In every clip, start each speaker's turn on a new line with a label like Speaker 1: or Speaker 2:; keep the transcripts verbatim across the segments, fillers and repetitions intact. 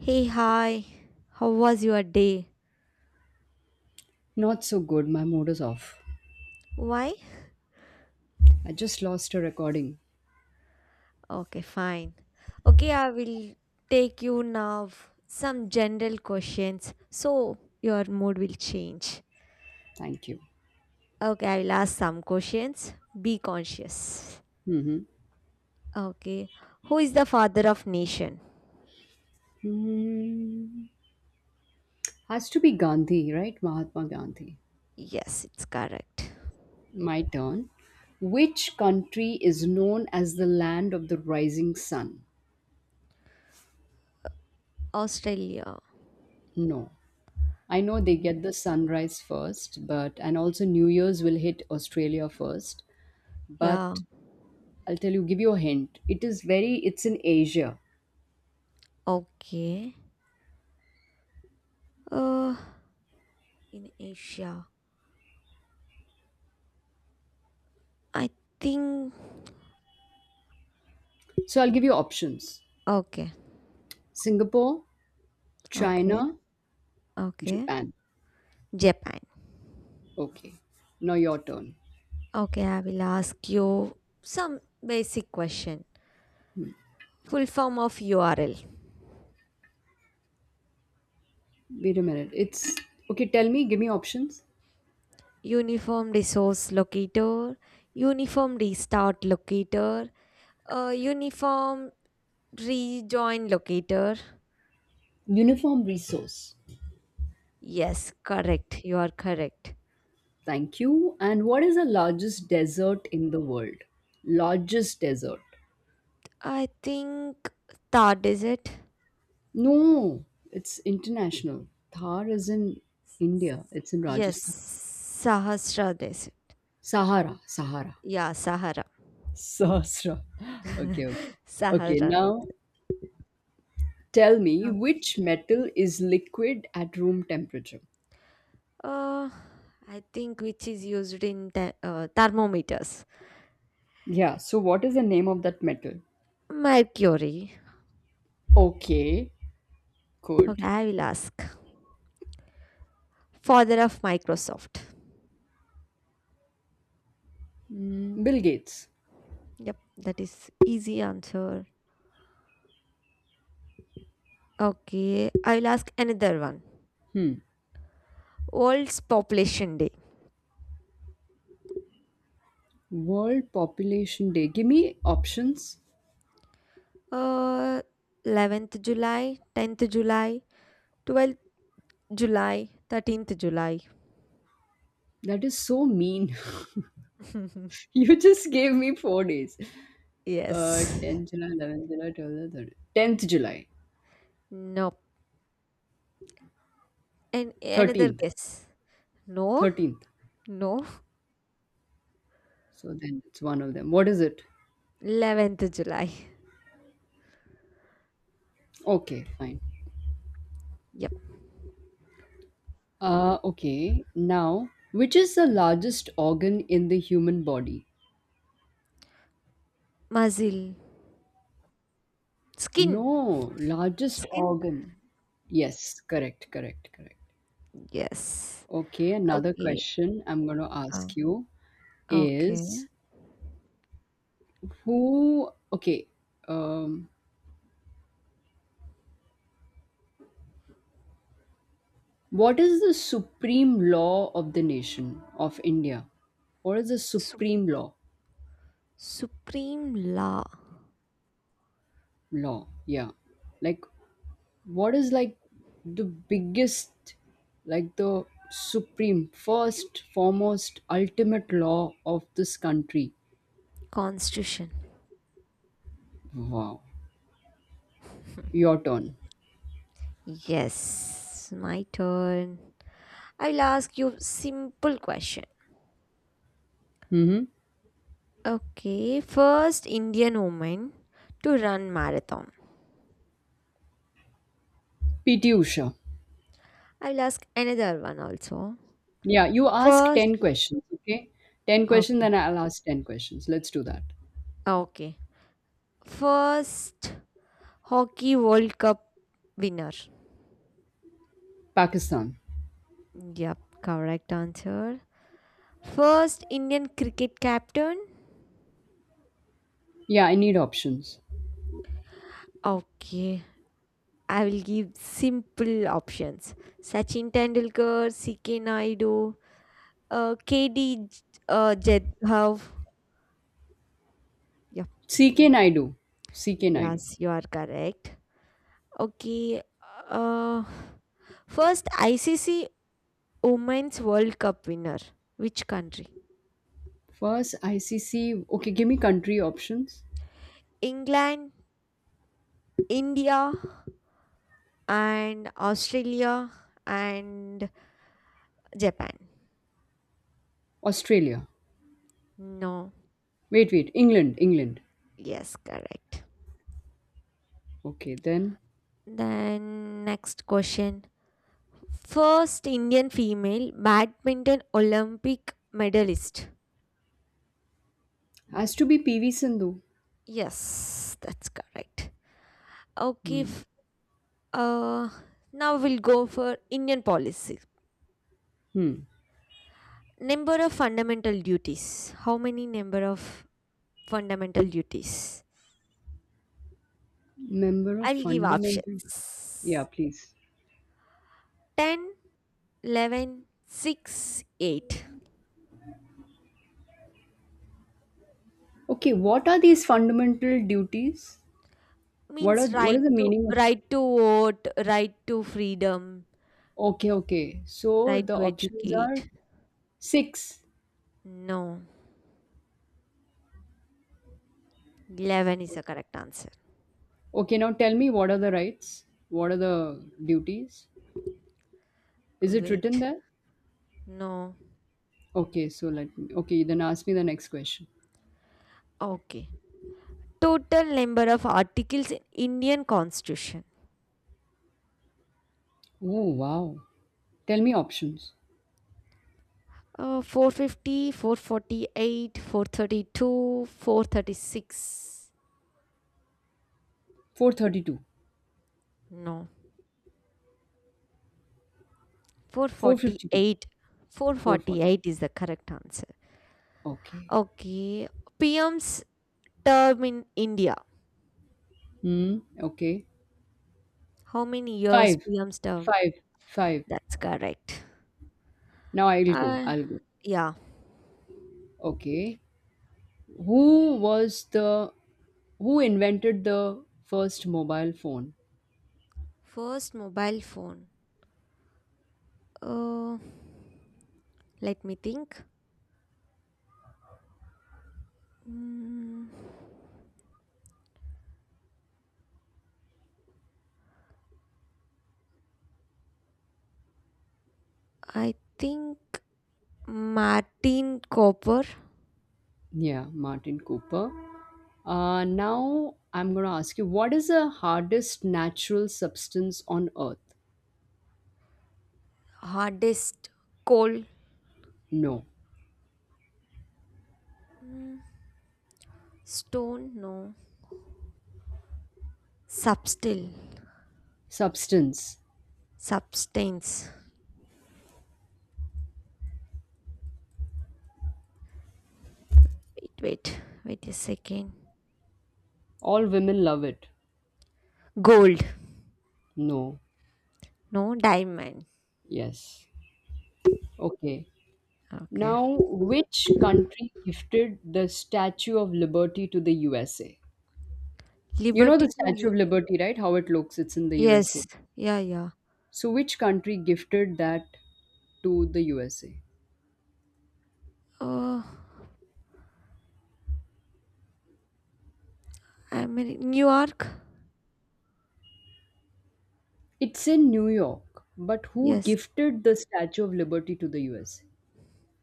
Speaker 1: Hey, hi. How was your day?
Speaker 2: Not so good. My mood is off.
Speaker 1: Why?
Speaker 2: I just lost a recording.
Speaker 1: Okay, fine. Okay, I will take you now some general questions so your mood will change.
Speaker 2: Thank you.
Speaker 1: Okay, I will ask some questions. Be conscious.
Speaker 2: Hmm
Speaker 1: Okay. Who is the father of nation?
Speaker 2: Hmm. Has to be Gandhi, right? Mahatma Gandhi.
Speaker 1: Yes, it's correct.
Speaker 2: My turn. Which country is known as the land of the rising sun?
Speaker 1: Australia.
Speaker 2: No. I know they get the
Speaker 1: Mm.
Speaker 2: sunrise first, but and also New Year's will hit Australia first.
Speaker 1: Yeah,
Speaker 2: But I'll tell you, give you a hint. It is very, it's in Asia.
Speaker 1: okay. Uh in Asia. I think
Speaker 2: So I'll give you options.
Speaker 1: okay,
Speaker 2: Singapore,
Speaker 1: okay,
Speaker 2: China,
Speaker 1: okay.
Speaker 2: Japan.
Speaker 1: Japan.
Speaker 2: Okay. Now your turn.
Speaker 1: Okay, I will ask you some basic question. Full form of U R L.
Speaker 2: Wait a minute. It's okay. Tell me, give me options.
Speaker 1: Uniform resource locator, uniform restart locator, uh, uniform rejoin locator.
Speaker 2: Uniform resource.
Speaker 1: Yes, correct. You are correct.
Speaker 2: Thank you. And what is the largest desert in the world? Largest desert.
Speaker 1: I think Thad is it?
Speaker 2: No, it's international. Thar is in India, it's in
Speaker 1: Yes,
Speaker 2: Rajasthan.
Speaker 1: Sahasra is it?
Speaker 2: Sahara, Sahara.
Speaker 1: Yeah, Sahara.
Speaker 2: Sahasra. Okay, okay. Okay,
Speaker 1: Sahara.
Speaker 2: now tell me, which metal is liquid at room temperature?
Speaker 1: Uh, I think which is used in the, uh, thermometers.
Speaker 2: Yeah, so what is the name of that metal?
Speaker 1: Mercury.
Speaker 2: Okay. Could
Speaker 1: Okay, I will ask. Father of Microsoft.
Speaker 2: Bill Gates.
Speaker 1: Yep, that is easy answer. Okay, I will ask another one. World's Population Day.
Speaker 2: World Population Day. Give me options.
Speaker 1: Uh, eleventh July, tenth July, twelfth July, thirteenth July.
Speaker 2: That is so mean. you just gave me four days. Uh,
Speaker 1: yes.
Speaker 2: tenth July, eleventh July, twelfth, thirteenth. tenth July,
Speaker 1: No. And another
Speaker 2: thirteenth,
Speaker 1: guess. No,
Speaker 2: thirteenth.
Speaker 1: no.
Speaker 2: So then it's one of them. What is it?
Speaker 1: eleventh July.
Speaker 2: Okay, fine.
Speaker 1: Yep.
Speaker 2: Uh, okay. Now, which is the largest organ in the human body?
Speaker 1: Mazil. Skin.
Speaker 2: No, largest
Speaker 1: Skin?
Speaker 2: organ. Yes, correct, correct, correct.
Speaker 1: Yes.
Speaker 2: Okay, another
Speaker 1: Okay.
Speaker 2: question I'm going to
Speaker 1: Uh,
Speaker 2: ask you. Is
Speaker 1: okay.
Speaker 2: who okay um what is the supreme law of the nation of India? What is the
Speaker 1: Sup-
Speaker 2: supreme law
Speaker 1: Supreme law.
Speaker 2: law Yeah, like what is, like, the biggest, like, the supreme, first, foremost, ultimate law of this country?
Speaker 1: Constitution.
Speaker 2: Wow. Your turn.
Speaker 1: Yes. My turn. I'll ask you simple question.
Speaker 2: Mm-hmm.
Speaker 1: Okay. First Indian woman to run marathon.
Speaker 2: PT Usha.
Speaker 1: I'll ask another one also.
Speaker 2: Yeah, you ask
Speaker 1: First.
Speaker 2: ten questions, okay? ten questions,
Speaker 1: Okay.
Speaker 2: then I'll ask ten questions. Let's do that.
Speaker 1: Okay. First hockey World Cup winner.
Speaker 2: Pakistan.
Speaker 1: Yep. Correct answer. First Indian cricket captain?
Speaker 2: Yeah, I need options.
Speaker 1: Okay, I will give simple options. Sachin Tendulkar, C K Naidu, uh, K D uh, Jadhav. Yep.
Speaker 2: C K Naidu. C K Naidu.
Speaker 1: Yes, you are correct. Okay. Uh, first I C C Women's World Cup winner. Which country?
Speaker 2: First, I C C. Okay, give me country options.
Speaker 1: England, India, and Australia, and Japan.
Speaker 2: Australia.
Speaker 1: No.
Speaker 2: Wait, wait. England. England.
Speaker 1: Yes, correct.
Speaker 2: Okay, then.
Speaker 1: Then next question. First Indian female badminton Olympic medalist.
Speaker 2: Has to be P V Sindhu.
Speaker 1: Yes, that's correct. Okay,
Speaker 2: Hmm.
Speaker 1: f- uh now we'll go for Indian policy.
Speaker 2: Hmm.
Speaker 1: Number of fundamental duties. How many number of fundamental duties?
Speaker 2: Member of
Speaker 1: I'll give
Speaker 2: fundamental. Yeah,
Speaker 1: options.
Speaker 2: please.
Speaker 1: Ten, eleven, six, eight.
Speaker 2: Okay, what are these fundamental duties? What are
Speaker 1: Means
Speaker 2: what is
Speaker 1: right
Speaker 2: the
Speaker 1: to
Speaker 2: meaning of.
Speaker 1: right to vote, right to freedom,
Speaker 2: Okay, okay. So
Speaker 1: right
Speaker 2: the
Speaker 1: to
Speaker 2: options are
Speaker 1: educate.
Speaker 2: six.
Speaker 1: No, eleven is the correct answer.
Speaker 2: Okay, now tell me, what are the rights? What are the duties? Is it written
Speaker 1: Wait,
Speaker 2: there?
Speaker 1: no.
Speaker 2: Okay, so let me. Okay, then ask me the next question.
Speaker 1: Okay. Total number of articles in Indian Constitution.
Speaker 2: Oh, wow. Tell me options.
Speaker 1: Uh, four fifty, four 432, four thirty six.
Speaker 2: four thirty-two,
Speaker 1: No,
Speaker 2: four fifty-two,
Speaker 1: four forty eight.
Speaker 2: four forty.
Speaker 1: four forty eight is the correct answer.
Speaker 2: Okay.
Speaker 1: Okay. P M's term in India.
Speaker 2: Hmm. Okay.
Speaker 1: How many years
Speaker 2: Five,
Speaker 1: P M's term?
Speaker 2: five, five.
Speaker 1: That's correct.
Speaker 2: Now I'll go.
Speaker 1: Uh,
Speaker 2: I'll go.
Speaker 1: yeah.
Speaker 2: Okay. Who was the who invented the first mobile phone?
Speaker 1: First mobile phone. Uh, let me think. Mm, I think Martin Copper.
Speaker 2: Yeah, Martin Cooper. Uh, now I'm going to ask you, what is the hardest natural substance on earth?
Speaker 1: Hardest coal.
Speaker 2: No.
Speaker 1: Mm, stone, no. Substille.
Speaker 2: Substance.
Speaker 1: Substance. Wait, wait. Wait a second.
Speaker 2: All women love it.
Speaker 1: Gold.
Speaker 2: No.
Speaker 1: No, diamond.
Speaker 2: Yes. Okay.
Speaker 1: Okay.
Speaker 2: Now, which country gifted the Statue of Liberty to the U S A? You know
Speaker 1: Liberty
Speaker 2: the
Speaker 1: to
Speaker 2: Statue
Speaker 1: you.
Speaker 2: of Liberty, right? How it looks, it's in the U S A.
Speaker 1: Yes. Yeah, yeah.
Speaker 2: So, which country gifted that to the U S A?
Speaker 1: Uh, Ameri- New York.
Speaker 2: It's in New York, but who
Speaker 1: Yes.
Speaker 2: gifted the Statue of Liberty to the U S A?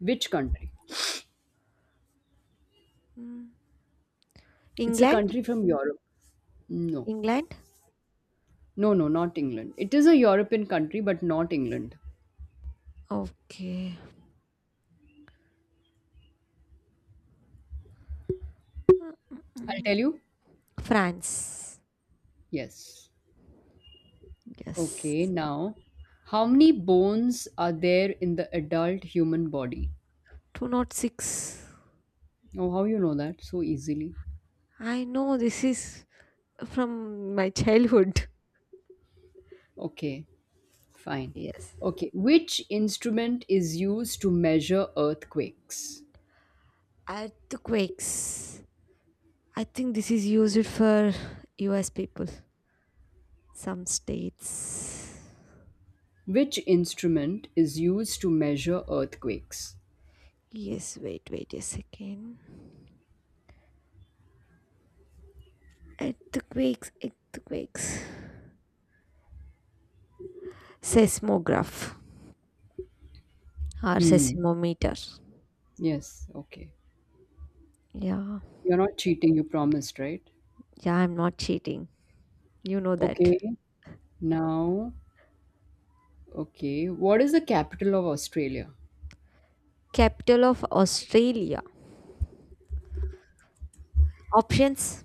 Speaker 2: Which country?
Speaker 1: Mm.
Speaker 2: It's a
Speaker 1: England?
Speaker 2: country from Europe. No.
Speaker 1: England?
Speaker 2: No, no, not England. It is a European country, but not England.
Speaker 1: Okay. Mm, mm,
Speaker 2: I'll tell
Speaker 1: mm.
Speaker 2: you.
Speaker 1: France.
Speaker 2: Yes. Okay,
Speaker 1: Yes.
Speaker 2: now, how many bones are there in the adult human body?
Speaker 1: two oh six.
Speaker 2: Oh, how you know that so easily?
Speaker 1: I know this is from my childhood.
Speaker 2: Okay, fine.
Speaker 1: Yes.
Speaker 2: Okay, which instrument is used to measure earthquakes?
Speaker 1: Earthquakes. I think this is used for U S people. Some states.
Speaker 2: Which instrument is used to measure earthquakes?
Speaker 1: Yes, wait, wait a second. Earthquakes, earthquakes. Seismograph or
Speaker 2: Hmm,
Speaker 1: seismometer.
Speaker 2: yes, okay.
Speaker 1: Yeah.
Speaker 2: You're not cheating, you promised, right?
Speaker 1: Yeah, I'm not cheating. You know that.
Speaker 2: Okay, now, okay. What is the capital of Australia?
Speaker 1: Capital of Australia. Options?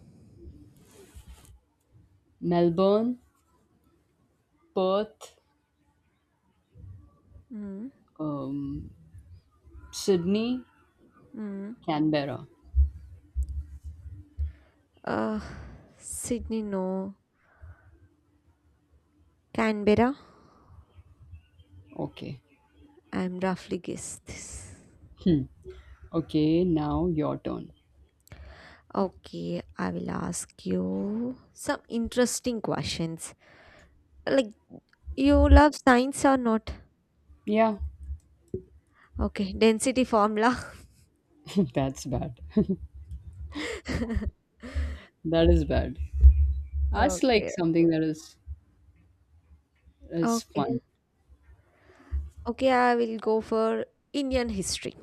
Speaker 2: Melbourne, Perth, um, Sydney,
Speaker 1: Hmm.
Speaker 2: Canberra.
Speaker 1: Uh, Sydney, no. Canberra?
Speaker 2: Okay.
Speaker 1: I'm roughly guessed this.
Speaker 2: Hmm. Okay, now your turn.
Speaker 1: Okay, I will ask you some interesting questions. Like, you love science or not?
Speaker 2: Yeah,
Speaker 1: Okay, density formula.
Speaker 2: that's bad. That is bad. Ask like
Speaker 1: okay,
Speaker 2: something that is is
Speaker 1: okay,
Speaker 2: fun.
Speaker 1: okay. I will go for Indian history.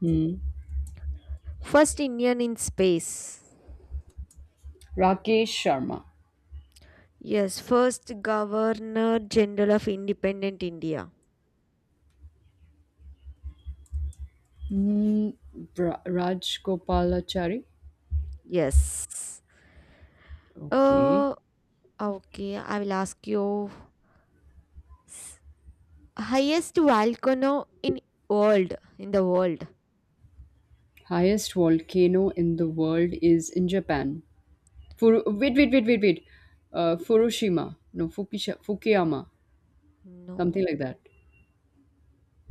Speaker 2: Hmm.
Speaker 1: First Indian in space.
Speaker 2: Rakesh Sharma.
Speaker 1: Yes, first Governor General of Independent India.
Speaker 2: Hmm. Ra- Raj Gopalachari.
Speaker 1: Yes.
Speaker 2: Okay.
Speaker 1: Uh, okay, I will ask you s- highest volcano in world in the world.
Speaker 2: Highest volcano in the world is in Japan. Furu- wait, wait, wait, wait, wait. Uh, Fukushima. No, Fukisha- Fukuyama. Something
Speaker 1: No,
Speaker 2: like that.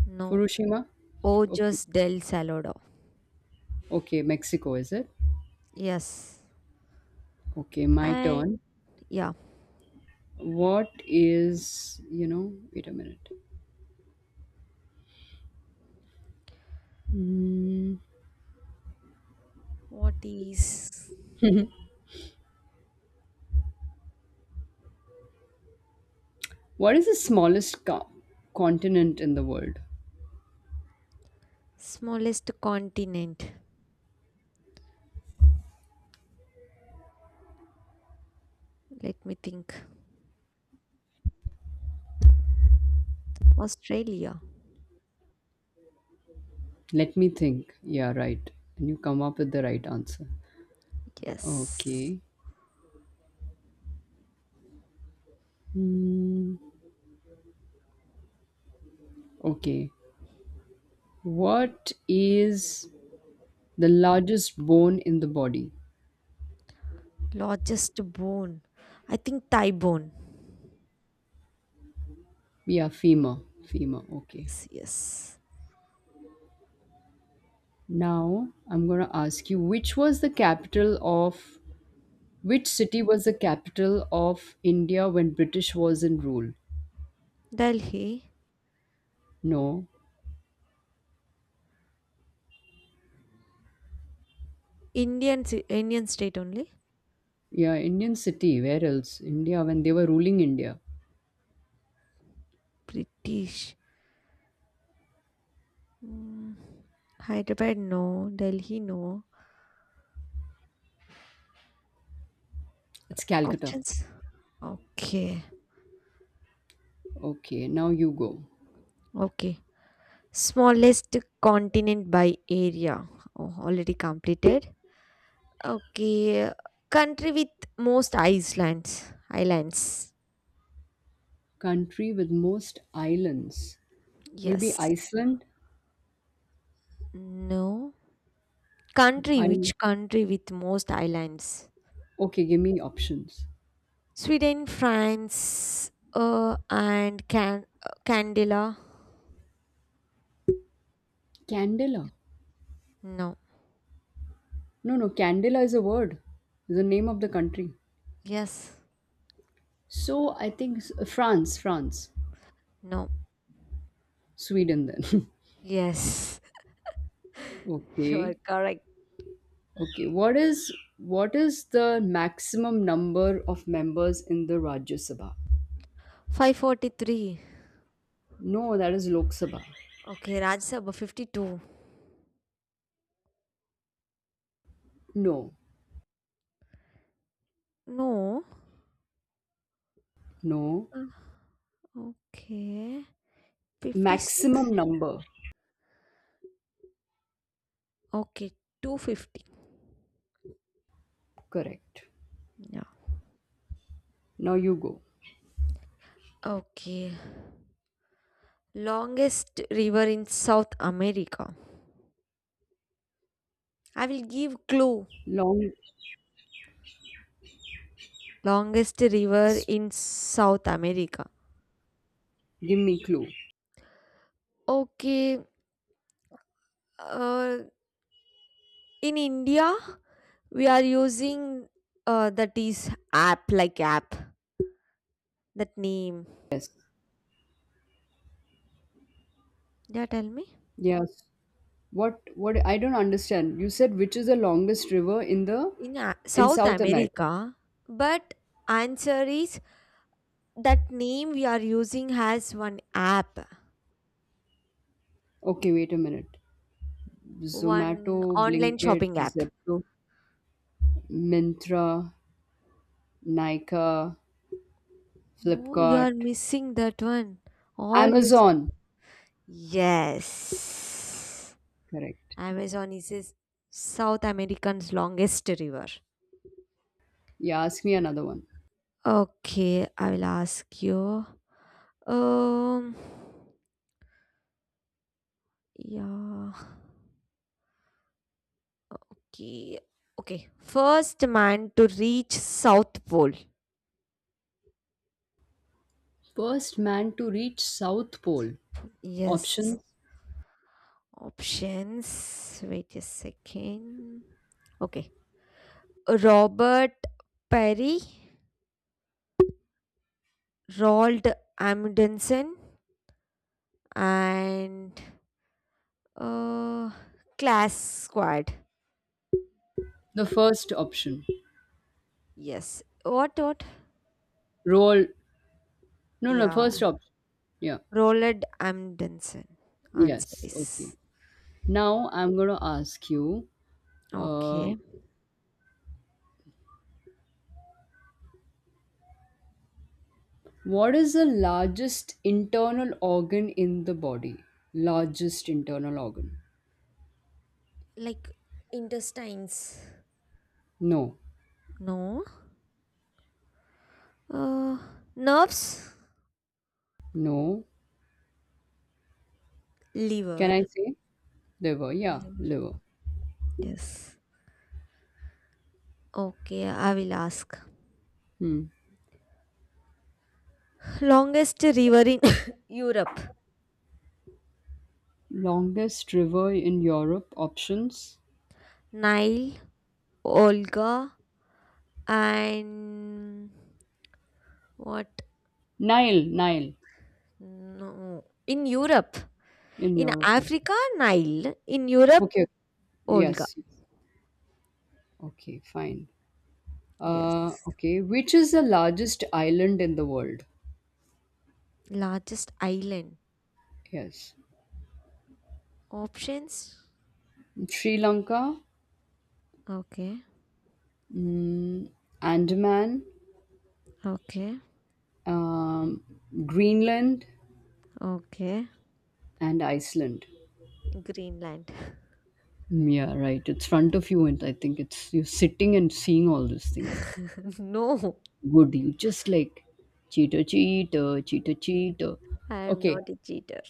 Speaker 1: no.
Speaker 2: Fukushima.
Speaker 1: Oh,
Speaker 2: Okay.
Speaker 1: just del Salado.
Speaker 2: Okay, Mexico, is it?
Speaker 1: Yes.
Speaker 2: Okay, my turn.
Speaker 1: And yeah,
Speaker 2: What is, you know, Wait a minute. Mm,
Speaker 1: what is
Speaker 2: what is the smallest co- continent in the world?
Speaker 1: smallest continent? Let me think. Australia.
Speaker 2: Let me think. Yeah, right. And you come up with the right answer.
Speaker 1: Yes.
Speaker 2: Okay. Mm, okay. What is the largest bone in the body?
Speaker 1: Largest bone. I think thigh bone.
Speaker 2: Yeah, femur. Femur. Okay.
Speaker 1: Yes, yes.
Speaker 2: Now I'm going to ask you, which was the capital of which city was the capital of India when British was in rule?
Speaker 1: Delhi.
Speaker 2: No.
Speaker 1: Indian ci- Indian state only.
Speaker 2: Yeah, Indian city. Where else? India, when they were ruling India.
Speaker 1: British. Mm, Hyderabad, no. Delhi, no.
Speaker 2: It's Calcutta.
Speaker 1: Options? Okay,
Speaker 2: Okay, now you go.
Speaker 1: okay. Smallest continent by area. Oh, already completed. Okay, country with most islands. Islands.
Speaker 2: Country with most islands will be
Speaker 1: Yes.
Speaker 2: Iceland.
Speaker 1: No. Country,
Speaker 2: I'm
Speaker 1: which country with most islands?
Speaker 2: okay, give me options.
Speaker 1: Sweden, France, uh, and Can uh, Candela.
Speaker 2: Candela.
Speaker 1: No.
Speaker 2: No, no, Candela is a word, is the name of the country.
Speaker 1: Yes.
Speaker 2: So I think s- France, France,
Speaker 1: No.
Speaker 2: Sweden then.
Speaker 1: Yes. You are
Speaker 2: okay.
Speaker 1: correct.
Speaker 2: Okay. What is what is the maximum number of members in the Rajya Sabha?
Speaker 1: five four three.
Speaker 2: No, that is Lok Sabha.
Speaker 1: Okay, Rajya Sabha fifty two.
Speaker 2: No.
Speaker 1: No.
Speaker 2: No.
Speaker 1: Uh, okay. fifty six?
Speaker 2: Maximum number.
Speaker 1: Okay, two fifty.
Speaker 2: Correct.
Speaker 1: Yeah.
Speaker 2: Now you go.
Speaker 1: Okay. Longest river in South America. I will give clue.
Speaker 2: Longest.
Speaker 1: Longest river in South America.
Speaker 2: Give me clue.
Speaker 1: Okay. Uh, in India, we are using uh, that is app like app. That name.
Speaker 2: Yes.
Speaker 1: Yeah, tell me.
Speaker 2: Yes. What? What? I don't understand. You said, which is the longest river in the
Speaker 1: in A-
Speaker 2: in
Speaker 1: South
Speaker 2: South America?
Speaker 1: America, but answer is that name we are using has one app,
Speaker 2: Okay. Wait a minute. Zomato,
Speaker 1: one online
Speaker 2: Blinkit,
Speaker 1: shopping app.
Speaker 2: Zepto, Mintra, Nika,
Speaker 1: Mo, you are
Speaker 2: Flipkart,
Speaker 1: missing that one. All you
Speaker 2: Amazon.
Speaker 1: said. Yes.
Speaker 2: Correct.
Speaker 1: Amazon is a South American's longest river.
Speaker 2: Yeah. Ask me another one.
Speaker 1: Okay, I will ask you. Um, yeah. Okay. Okay. First man to reach South Pole.
Speaker 2: First man to reach South Pole.
Speaker 1: Yes.
Speaker 2: Options.
Speaker 1: Options. Wait a second. Okay. Robert Perry, Roald Amundsen, and uh, Class Squad.
Speaker 2: The first option.
Speaker 1: Yes. What? What?
Speaker 2: Roll. No, no,
Speaker 1: Yeah.
Speaker 2: first option. Yeah.
Speaker 1: Roald Amundsen. Answer
Speaker 2: Yes. Okay.
Speaker 1: is
Speaker 2: Now I'm going to ask you, uh,
Speaker 1: okay.
Speaker 2: what is the largest internal organ in the body? Largest internal organ.
Speaker 1: Like intestines.
Speaker 2: No.
Speaker 1: No. Uh, nerves.
Speaker 2: No. Can I
Speaker 1: Liver.
Speaker 2: say? Liver. Yeah.
Speaker 1: Liver.
Speaker 2: Liver.
Speaker 1: Yes. Okay. I will ask.
Speaker 2: Hmm.
Speaker 1: Longest river in Europe.
Speaker 2: Longest river in Europe. Options.
Speaker 1: Nile, Olga, and what?
Speaker 2: Nile. Nile
Speaker 1: No. In Europe.
Speaker 2: in
Speaker 1: In
Speaker 2: Europe. Okay.
Speaker 1: Africa, Nile. In Europe,
Speaker 2: Okay.
Speaker 1: Olga.
Speaker 2: Yes. Yes. Okay. Fine. Uh,
Speaker 1: Yes.
Speaker 2: okay. Which is the largest island in the world?
Speaker 1: Largest island.
Speaker 2: Yes.
Speaker 1: Options?
Speaker 2: Sri Lanka,
Speaker 1: Okay.
Speaker 2: mm, Andaman,
Speaker 1: Okay.
Speaker 2: um, Greenland,
Speaker 1: Okay.
Speaker 2: and Iceland.
Speaker 1: Greenland.
Speaker 2: Mm, Yeah, right. It's front of you, and I think it's you're sitting and seeing all those things.
Speaker 1: no,
Speaker 2: Good. You just like cheetah, cheetah, cheetah, cheetah?
Speaker 1: I am
Speaker 2: Okay,
Speaker 1: not a cheater.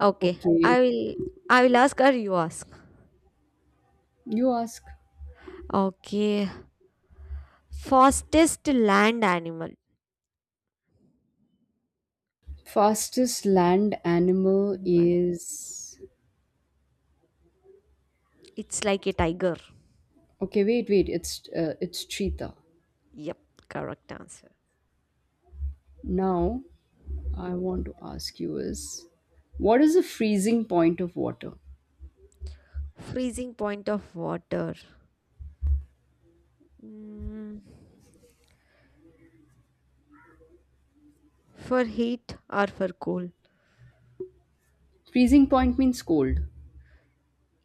Speaker 1: Okay.
Speaker 2: okay.
Speaker 1: I will I will ask or you ask.
Speaker 2: You ask.
Speaker 1: Okay. Fastest land animal.
Speaker 2: Fastest land animal
Speaker 1: Animal.
Speaker 2: is
Speaker 1: It's like a tiger.
Speaker 2: okay. Wait, wait. It's uh, it's cheetah.
Speaker 1: Yep, correct answer.
Speaker 2: Now I want to ask you is what is the freezing point of water?
Speaker 1: Freezing point of water. Mm, for heat or for cold?
Speaker 2: Freezing point means cold.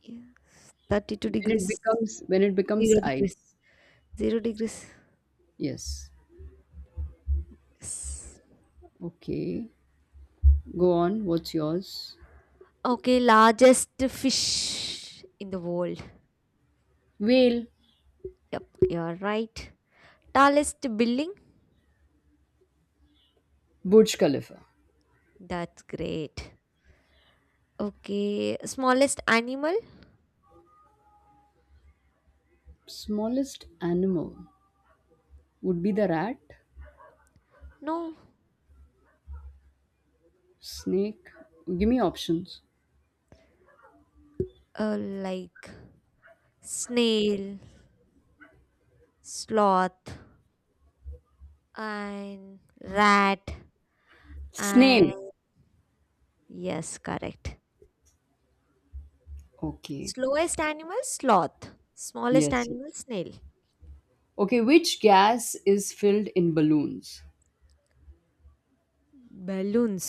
Speaker 1: Yes, thirty two
Speaker 2: When it
Speaker 1: degrees,
Speaker 2: becomes when it becomes
Speaker 1: zero degrees,
Speaker 2: ice.
Speaker 1: zero degrees.
Speaker 2: Yes.
Speaker 1: Yes.
Speaker 2: Okay. Go on. What's yours?
Speaker 1: Okay, largest fish in the world.
Speaker 2: Whale.
Speaker 1: Yep, you're right. Tallest building?
Speaker 2: Burj Khalifa.
Speaker 1: That's great. Okay, smallest animal?
Speaker 2: Smallest animal would be the rat,
Speaker 1: No,
Speaker 2: snake. Give me options.
Speaker 1: uh, like snail, sloth. And rat.
Speaker 2: Snail.
Speaker 1: And yes, correct.
Speaker 2: Okay.
Speaker 1: Slowest animal sloth, smallest
Speaker 2: Yes.
Speaker 1: animal snail.
Speaker 2: Okay. Which gas is filled in balloons?
Speaker 1: Balloons.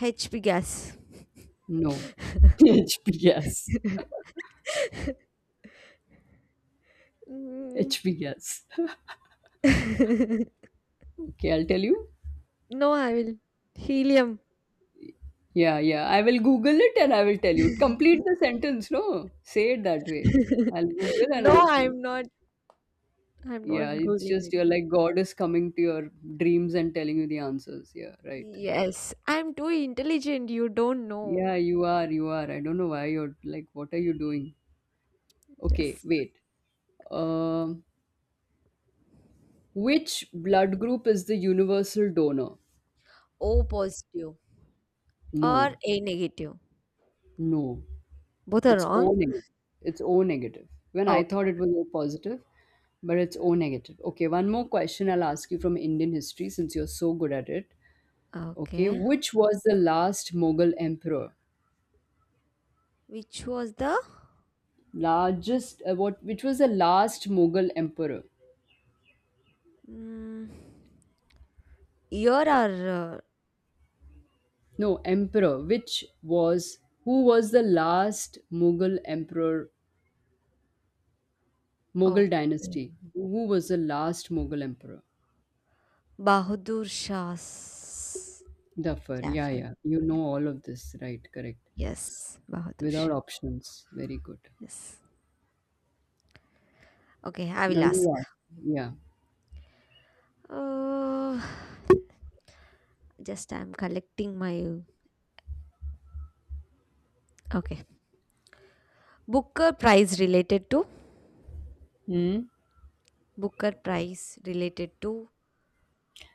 Speaker 1: HB gas.
Speaker 2: No. H B gas.
Speaker 1: Mm.
Speaker 2: H B gas. Okay, I'll tell you.
Speaker 1: no, I will. Helium.
Speaker 2: Yeah, yeah. I will Google it and I will tell you. Complete the sentence, no? Say it that way. I'll Google and
Speaker 1: no,
Speaker 2: I'll say.
Speaker 1: I'm not. I'm not
Speaker 2: Yeah, it's
Speaker 1: Googling
Speaker 2: just
Speaker 1: it.
Speaker 2: you're like God is coming to your dreams and telling you the answers. Yeah, right.
Speaker 1: Yes, I'm too intelligent. You don't know.
Speaker 2: Yeah, you are, you are. I don't know why you're like, what are you doing? Okay,
Speaker 1: Yes.
Speaker 2: wait. Um, which blood group is the universal donor?
Speaker 1: O positive or
Speaker 2: No,
Speaker 1: A negative.
Speaker 2: no.
Speaker 1: Both are
Speaker 2: It's O
Speaker 1: wrong.
Speaker 2: negative. It's O negative. When I
Speaker 1: Okay.
Speaker 2: thought it was O positive, but it's O negative. Okay, one more question I'll ask you from Indian history since you're so good at it. Okay,
Speaker 1: Okay.
Speaker 2: which was the last Mughal emperor?
Speaker 1: Which was the
Speaker 2: Largest, uh, what, which was the last Mughal emperor?
Speaker 1: mm, year or
Speaker 2: No, emperor. Which was, who was the last Mughal emperor,
Speaker 1: uh,
Speaker 2: Mughal
Speaker 1: okay.
Speaker 2: dynasty? Who was the last Mughal emperor?
Speaker 1: Bahadur Shah's
Speaker 2: Zafar, yeah,
Speaker 1: Jafar.
Speaker 2: yeah. You
Speaker 1: Yeah.
Speaker 2: know all of this, right? Correct.
Speaker 1: Yes, Bahadur
Speaker 2: Without
Speaker 1: Shah.
Speaker 2: options. Very good.
Speaker 1: Yes. Okay, I
Speaker 2: No,
Speaker 1: will ask.
Speaker 2: you ask. Yeah.
Speaker 1: Uh, just I'm collecting my okay. Booker Prize related to
Speaker 2: Hmm.
Speaker 1: Booker Prize related to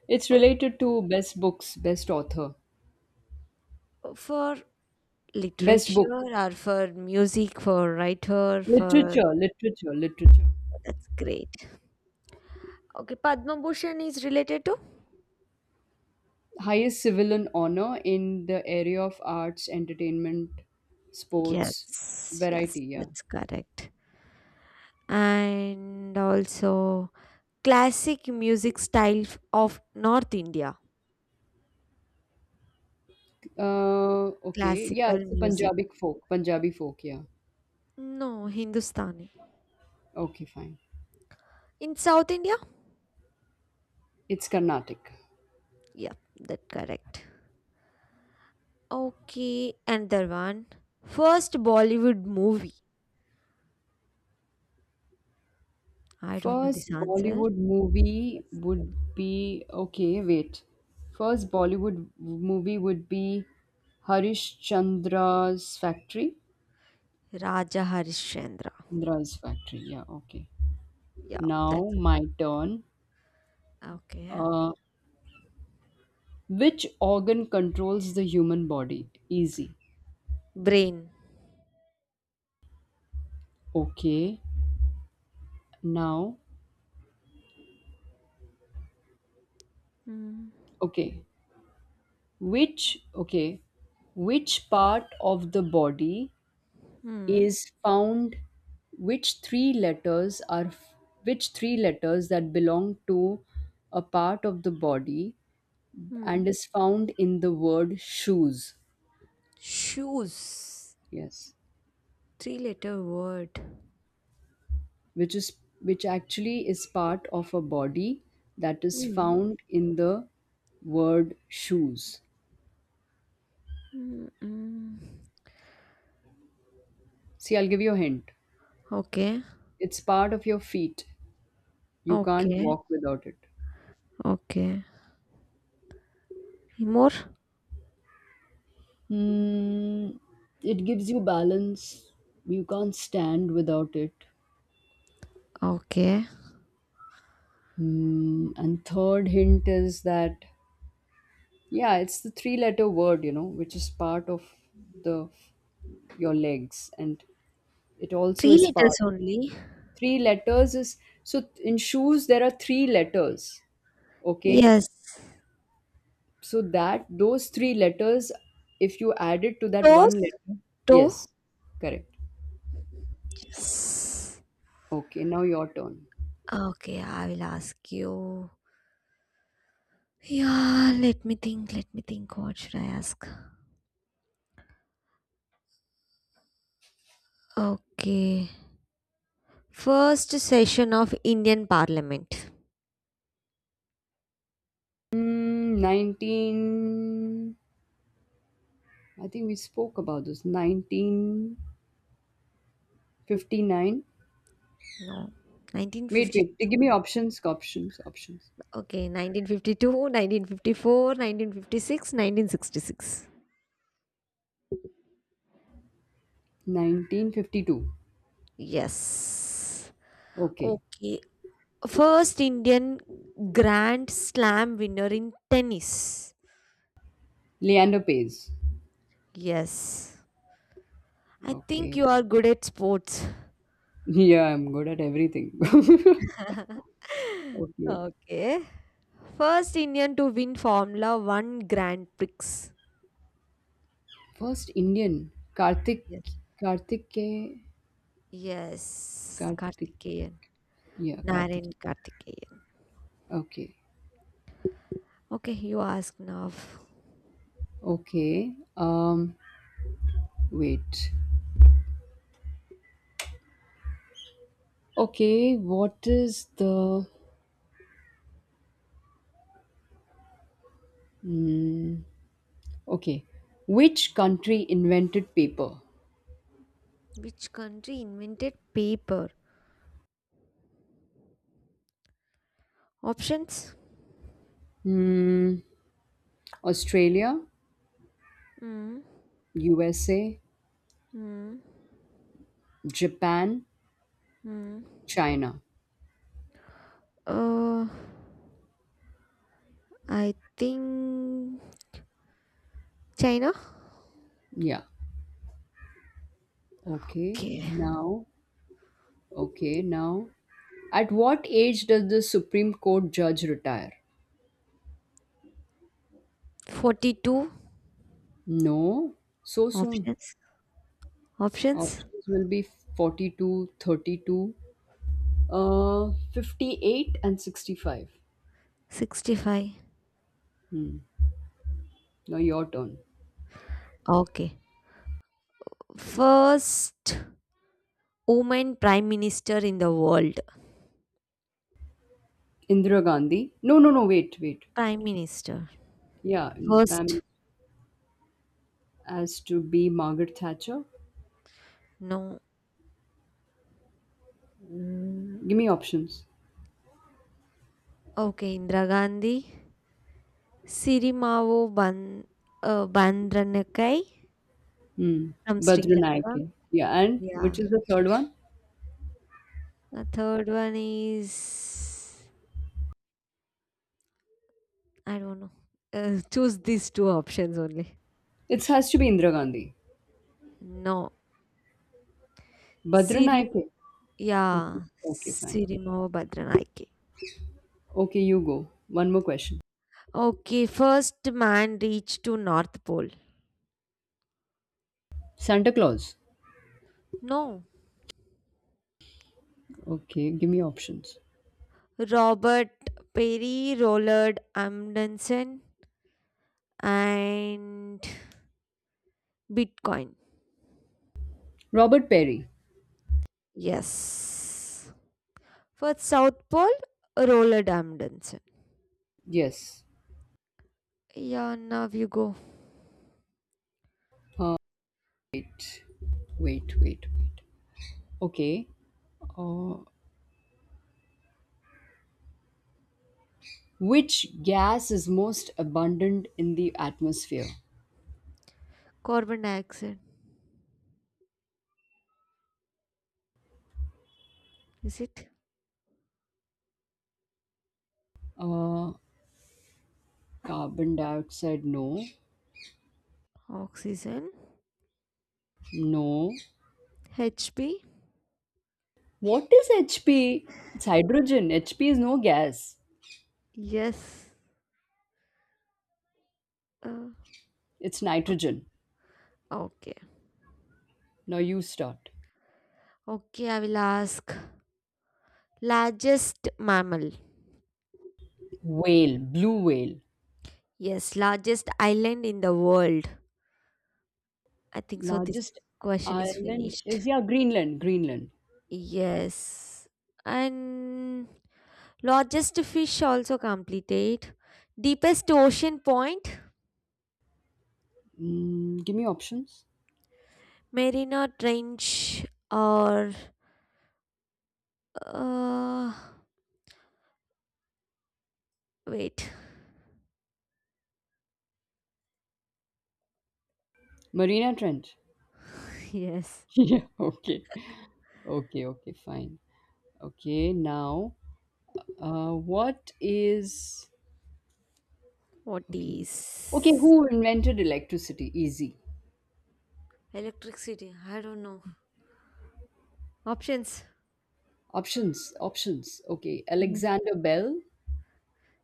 Speaker 2: It's
Speaker 1: uh,
Speaker 2: related to best books, best author,
Speaker 1: uh, for
Speaker 2: best book,
Speaker 1: literature or for music for writer for
Speaker 2: literature, literature, literature.
Speaker 1: that's great. Okay, Padma Bhushan is related to?
Speaker 2: Highest civilian honor in the area of arts, entertainment, sports,
Speaker 1: Yes,
Speaker 2: variety.
Speaker 1: yes,
Speaker 2: Yeah.
Speaker 1: that's correct. And also classic music style f- of North India.
Speaker 2: Uh, okay. Yeah,
Speaker 1: Classical
Speaker 2: it's a
Speaker 1: music.
Speaker 2: Punjabi folk, Punjabi folk. Yeah.
Speaker 1: No, Hindustani.
Speaker 2: Okay, fine.
Speaker 1: In South India?
Speaker 2: It's Carnatic.
Speaker 1: Yep, that correct. Okay, another one. First Bollywood movie. I don't know this
Speaker 2: First
Speaker 1: answer.
Speaker 2: Bollywood movie
Speaker 1: Just
Speaker 2: would be okay, wait. First Bollywood movie would be Harish Chandra's Factory.
Speaker 1: Raja Harishchandra.
Speaker 2: Chandra's Factory, yeah, okay.
Speaker 1: Yeah,
Speaker 2: Now
Speaker 1: that's
Speaker 2: my turn.
Speaker 1: okay.
Speaker 2: Uh, which organ controls the human body? Easy.
Speaker 1: Brain.
Speaker 2: Okay. Now,
Speaker 1: Hmm.
Speaker 2: okay. Which, okay. Which part of the body
Speaker 1: Hmm.
Speaker 2: is found which three letters are which three letters that belong to a part of the body and
Speaker 1: Hmm.
Speaker 2: is found in the word shoes?
Speaker 1: Shoes.
Speaker 2: Yes,
Speaker 1: Three letter word.
Speaker 2: which is which actually is part of a body that is
Speaker 1: Hmm.
Speaker 2: found in the word shoes.
Speaker 1: Mm-mm.
Speaker 2: See, I'll give you a hint.
Speaker 1: Okay.
Speaker 2: It's part of your feet. You can't
Speaker 1: Okay.
Speaker 2: walk without it.
Speaker 1: Okay. Any more?
Speaker 2: Hmm, it gives you balance. You can't stand without it.
Speaker 1: Okay.
Speaker 2: Hmm, and third hint is that, yeah, it's the three letter word, you know, which is part of the your legs, and it also
Speaker 1: Three
Speaker 2: is
Speaker 1: letters
Speaker 2: part.
Speaker 1: only.
Speaker 2: Three letters is, so in shoes there are three letters, okay?
Speaker 1: Yes.
Speaker 2: So that those three letters, if you add it to that one
Speaker 1: Toes?
Speaker 2: letter,
Speaker 1: Toe?
Speaker 2: yes, correct.
Speaker 1: Yes.
Speaker 2: Okay, now your turn.
Speaker 1: Okay, I will ask you. Yeah, let me think. Let me think. What should I ask? Okay. First session of Indian Parliament.
Speaker 2: Mm, nineteen I think we spoke about this, nineteen fifty-nine.
Speaker 1: No.
Speaker 2: Wait, wait. Give me
Speaker 1: nineteen fifty two.
Speaker 2: options, options, options.
Speaker 1: Okay, nineteen fifty two, nineteen fifty four, nineteen fifty six, nineteen sixty six.
Speaker 2: nineteen fifty-two.
Speaker 1: Yes.
Speaker 2: Okay.
Speaker 1: Okay. First Indian Grand Slam winner in tennis.
Speaker 2: Leander Pace.
Speaker 1: Yes. I think
Speaker 2: Okay.
Speaker 1: you are good at sports.
Speaker 2: Yeah, I'm good at everything. okay.
Speaker 1: okay. First Indian to win Formula one Grand Prix.
Speaker 2: First Indian. Karthik.
Speaker 1: Yes.
Speaker 2: Karthike.
Speaker 1: Yes.
Speaker 2: Karthik.
Speaker 1: Karthikeyan.
Speaker 2: Yeah,
Speaker 1: Naren
Speaker 2: Karthik.
Speaker 1: Karthikeyan.
Speaker 2: Okay.
Speaker 1: Okay, you ask now.
Speaker 2: Okay. Um, wait. Okay, what is the. Okay. Which country invented paper?
Speaker 1: Which country invented paper? Options?
Speaker 2: Hmm. Australia,
Speaker 1: Hmm.
Speaker 2: U S A,
Speaker 1: Hmm.
Speaker 2: Japan,
Speaker 1: Hmm.
Speaker 2: China.
Speaker 1: Uh, I think China.
Speaker 2: Yeah. Okay.
Speaker 1: Okay.
Speaker 2: Now, okay. Now, at what age does the Supreme Court judge retire?
Speaker 1: forty two
Speaker 2: No, so soon.
Speaker 1: options. Options
Speaker 2: Options will be forty-two, thirty-two, 32, uh, fifty-eight, and sixty-five.
Speaker 1: sixty five.
Speaker 2: Now, your turn.
Speaker 1: Okay. First woman prime minister in the world.
Speaker 2: Indira Gandhi. No, no, no. Wait, wait.
Speaker 1: Prime minister.
Speaker 2: Yeah. Prime
Speaker 1: First.
Speaker 2: Minister as to be Margaret Thatcher.
Speaker 1: No.
Speaker 2: Give me options.
Speaker 1: Okay. Indira Gandhi. Sirimavo Ban uh, Bandranakai from Sri
Speaker 2: Badra.
Speaker 1: Lanka.
Speaker 2: Yeah. And
Speaker 1: Yeah.
Speaker 2: which is the third one?
Speaker 1: The third one is I don't know. Uh, choose these two options only.
Speaker 2: It has to be Indira Gandhi.
Speaker 1: No.
Speaker 2: Badra.
Speaker 1: Sirim
Speaker 2: Okay,
Speaker 1: yeah.
Speaker 2: okay, fine.
Speaker 1: Sirimo Badranaike.
Speaker 2: Okay, you go. One more question.
Speaker 1: Okay, first man reached to North Pole.
Speaker 2: Santa Claus.
Speaker 1: No.
Speaker 2: Okay, give me options.
Speaker 1: Robert Perry, Rollard Amundsen and Bitcoin.
Speaker 2: Robert Perry.
Speaker 1: Yes. For South Pole, Rollard Amundsen.
Speaker 2: Yes.
Speaker 1: Yeah, now you go.
Speaker 2: Uh, wait, wait, wait, wait. Okay. Uh, which gas is most abundant in the atmosphere?
Speaker 1: Carbon dioxide. Is it?
Speaker 2: Uh, carbon dioxide. No.
Speaker 1: Oxygen.
Speaker 2: No.
Speaker 1: H B?
Speaker 2: What is H P? It's hydrogen. H P is no gas.
Speaker 1: Yes. Uh,
Speaker 2: It's
Speaker 1: o-
Speaker 2: nitrogen.
Speaker 1: okay.
Speaker 2: Now you start.
Speaker 1: Okay, I will ask. Largest mammal?
Speaker 2: Whale. Blue whale.
Speaker 1: Yes, largest island in the world. I think so. This
Speaker 2: Largest
Speaker 1: question is
Speaker 2: island
Speaker 1: finished.
Speaker 2: is, yeah, Greenland. Greenland.
Speaker 1: Yes. And largest fish also completed. Deepest ocean point?
Speaker 2: Mm, give me options.
Speaker 1: Marina Trench or. Uh, wait.
Speaker 2: Marina Trench.
Speaker 1: Yes.
Speaker 2: Yeah. Okay. Okay. Okay. Fine. Okay. Now, uh, what is
Speaker 1: What
Speaker 2: okay? Okay.
Speaker 1: is.
Speaker 2: Who invented electricity? Easy.
Speaker 1: Electricity? I don't know. Options.
Speaker 2: Options. Options. Okay.
Speaker 1: Yes.
Speaker 2: Alexander Bell.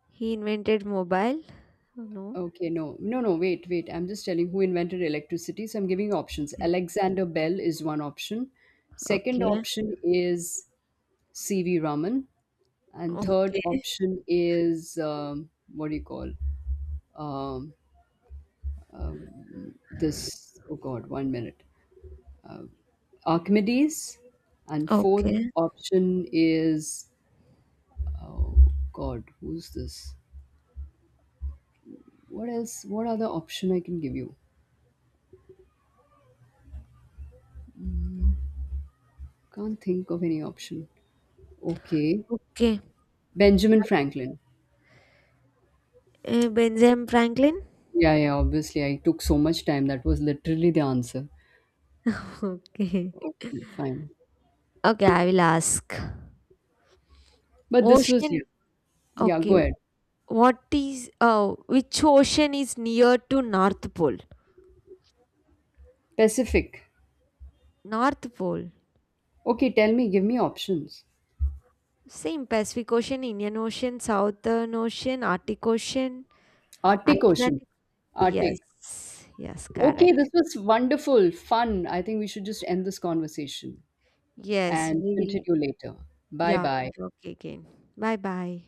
Speaker 1: He invented mobile? Oh, no.
Speaker 2: Okay. No. No. No. Wait. Wait. I'm just telling who invented electricity. So I'm giving you options.
Speaker 1: Okay.
Speaker 2: Alexander Bell is one option. Second
Speaker 1: Okay.
Speaker 2: option is C V. Raman. And third
Speaker 1: Okay.
Speaker 2: option is, um, what do you call, um, this, oh god, one minute, Archimedes. And fourth
Speaker 1: Okay.
Speaker 2: option is, oh god, who's this, what else, what other option I can give? You can't think of any option. Okay.
Speaker 1: Okay.
Speaker 2: Benjamin Franklin.
Speaker 1: Uh, Benjamin Franklin?
Speaker 2: Yeah, yeah, obviously I took so much time, that was literally the answer.
Speaker 1: Okay.
Speaker 2: Okay, fine.
Speaker 1: Okay, I will ask.
Speaker 2: But this was.
Speaker 1: Ocean.
Speaker 2: Yeah. Yeah,
Speaker 1: Okay.
Speaker 2: go ahead.
Speaker 1: What is uh which ocean is near to North Pole?
Speaker 2: Pacific.
Speaker 1: North Pole.
Speaker 2: Okay, tell me, give me options.
Speaker 1: Same Pacific Ocean, Indian Ocean, Southern Ocean, Arctic Ocean,
Speaker 2: Arctic Ocean.
Speaker 1: Atlantic.
Speaker 2: Arctic.
Speaker 1: Yes. Yes,
Speaker 2: Okay, this
Speaker 1: correct.
Speaker 2: was wonderful, fun. I think we should just end this conversation
Speaker 1: Yes,
Speaker 2: and
Speaker 1: we will.
Speaker 2: continue later. Bye
Speaker 1: Yeah,
Speaker 2: bye.
Speaker 1: we'll talk again. Bye bye.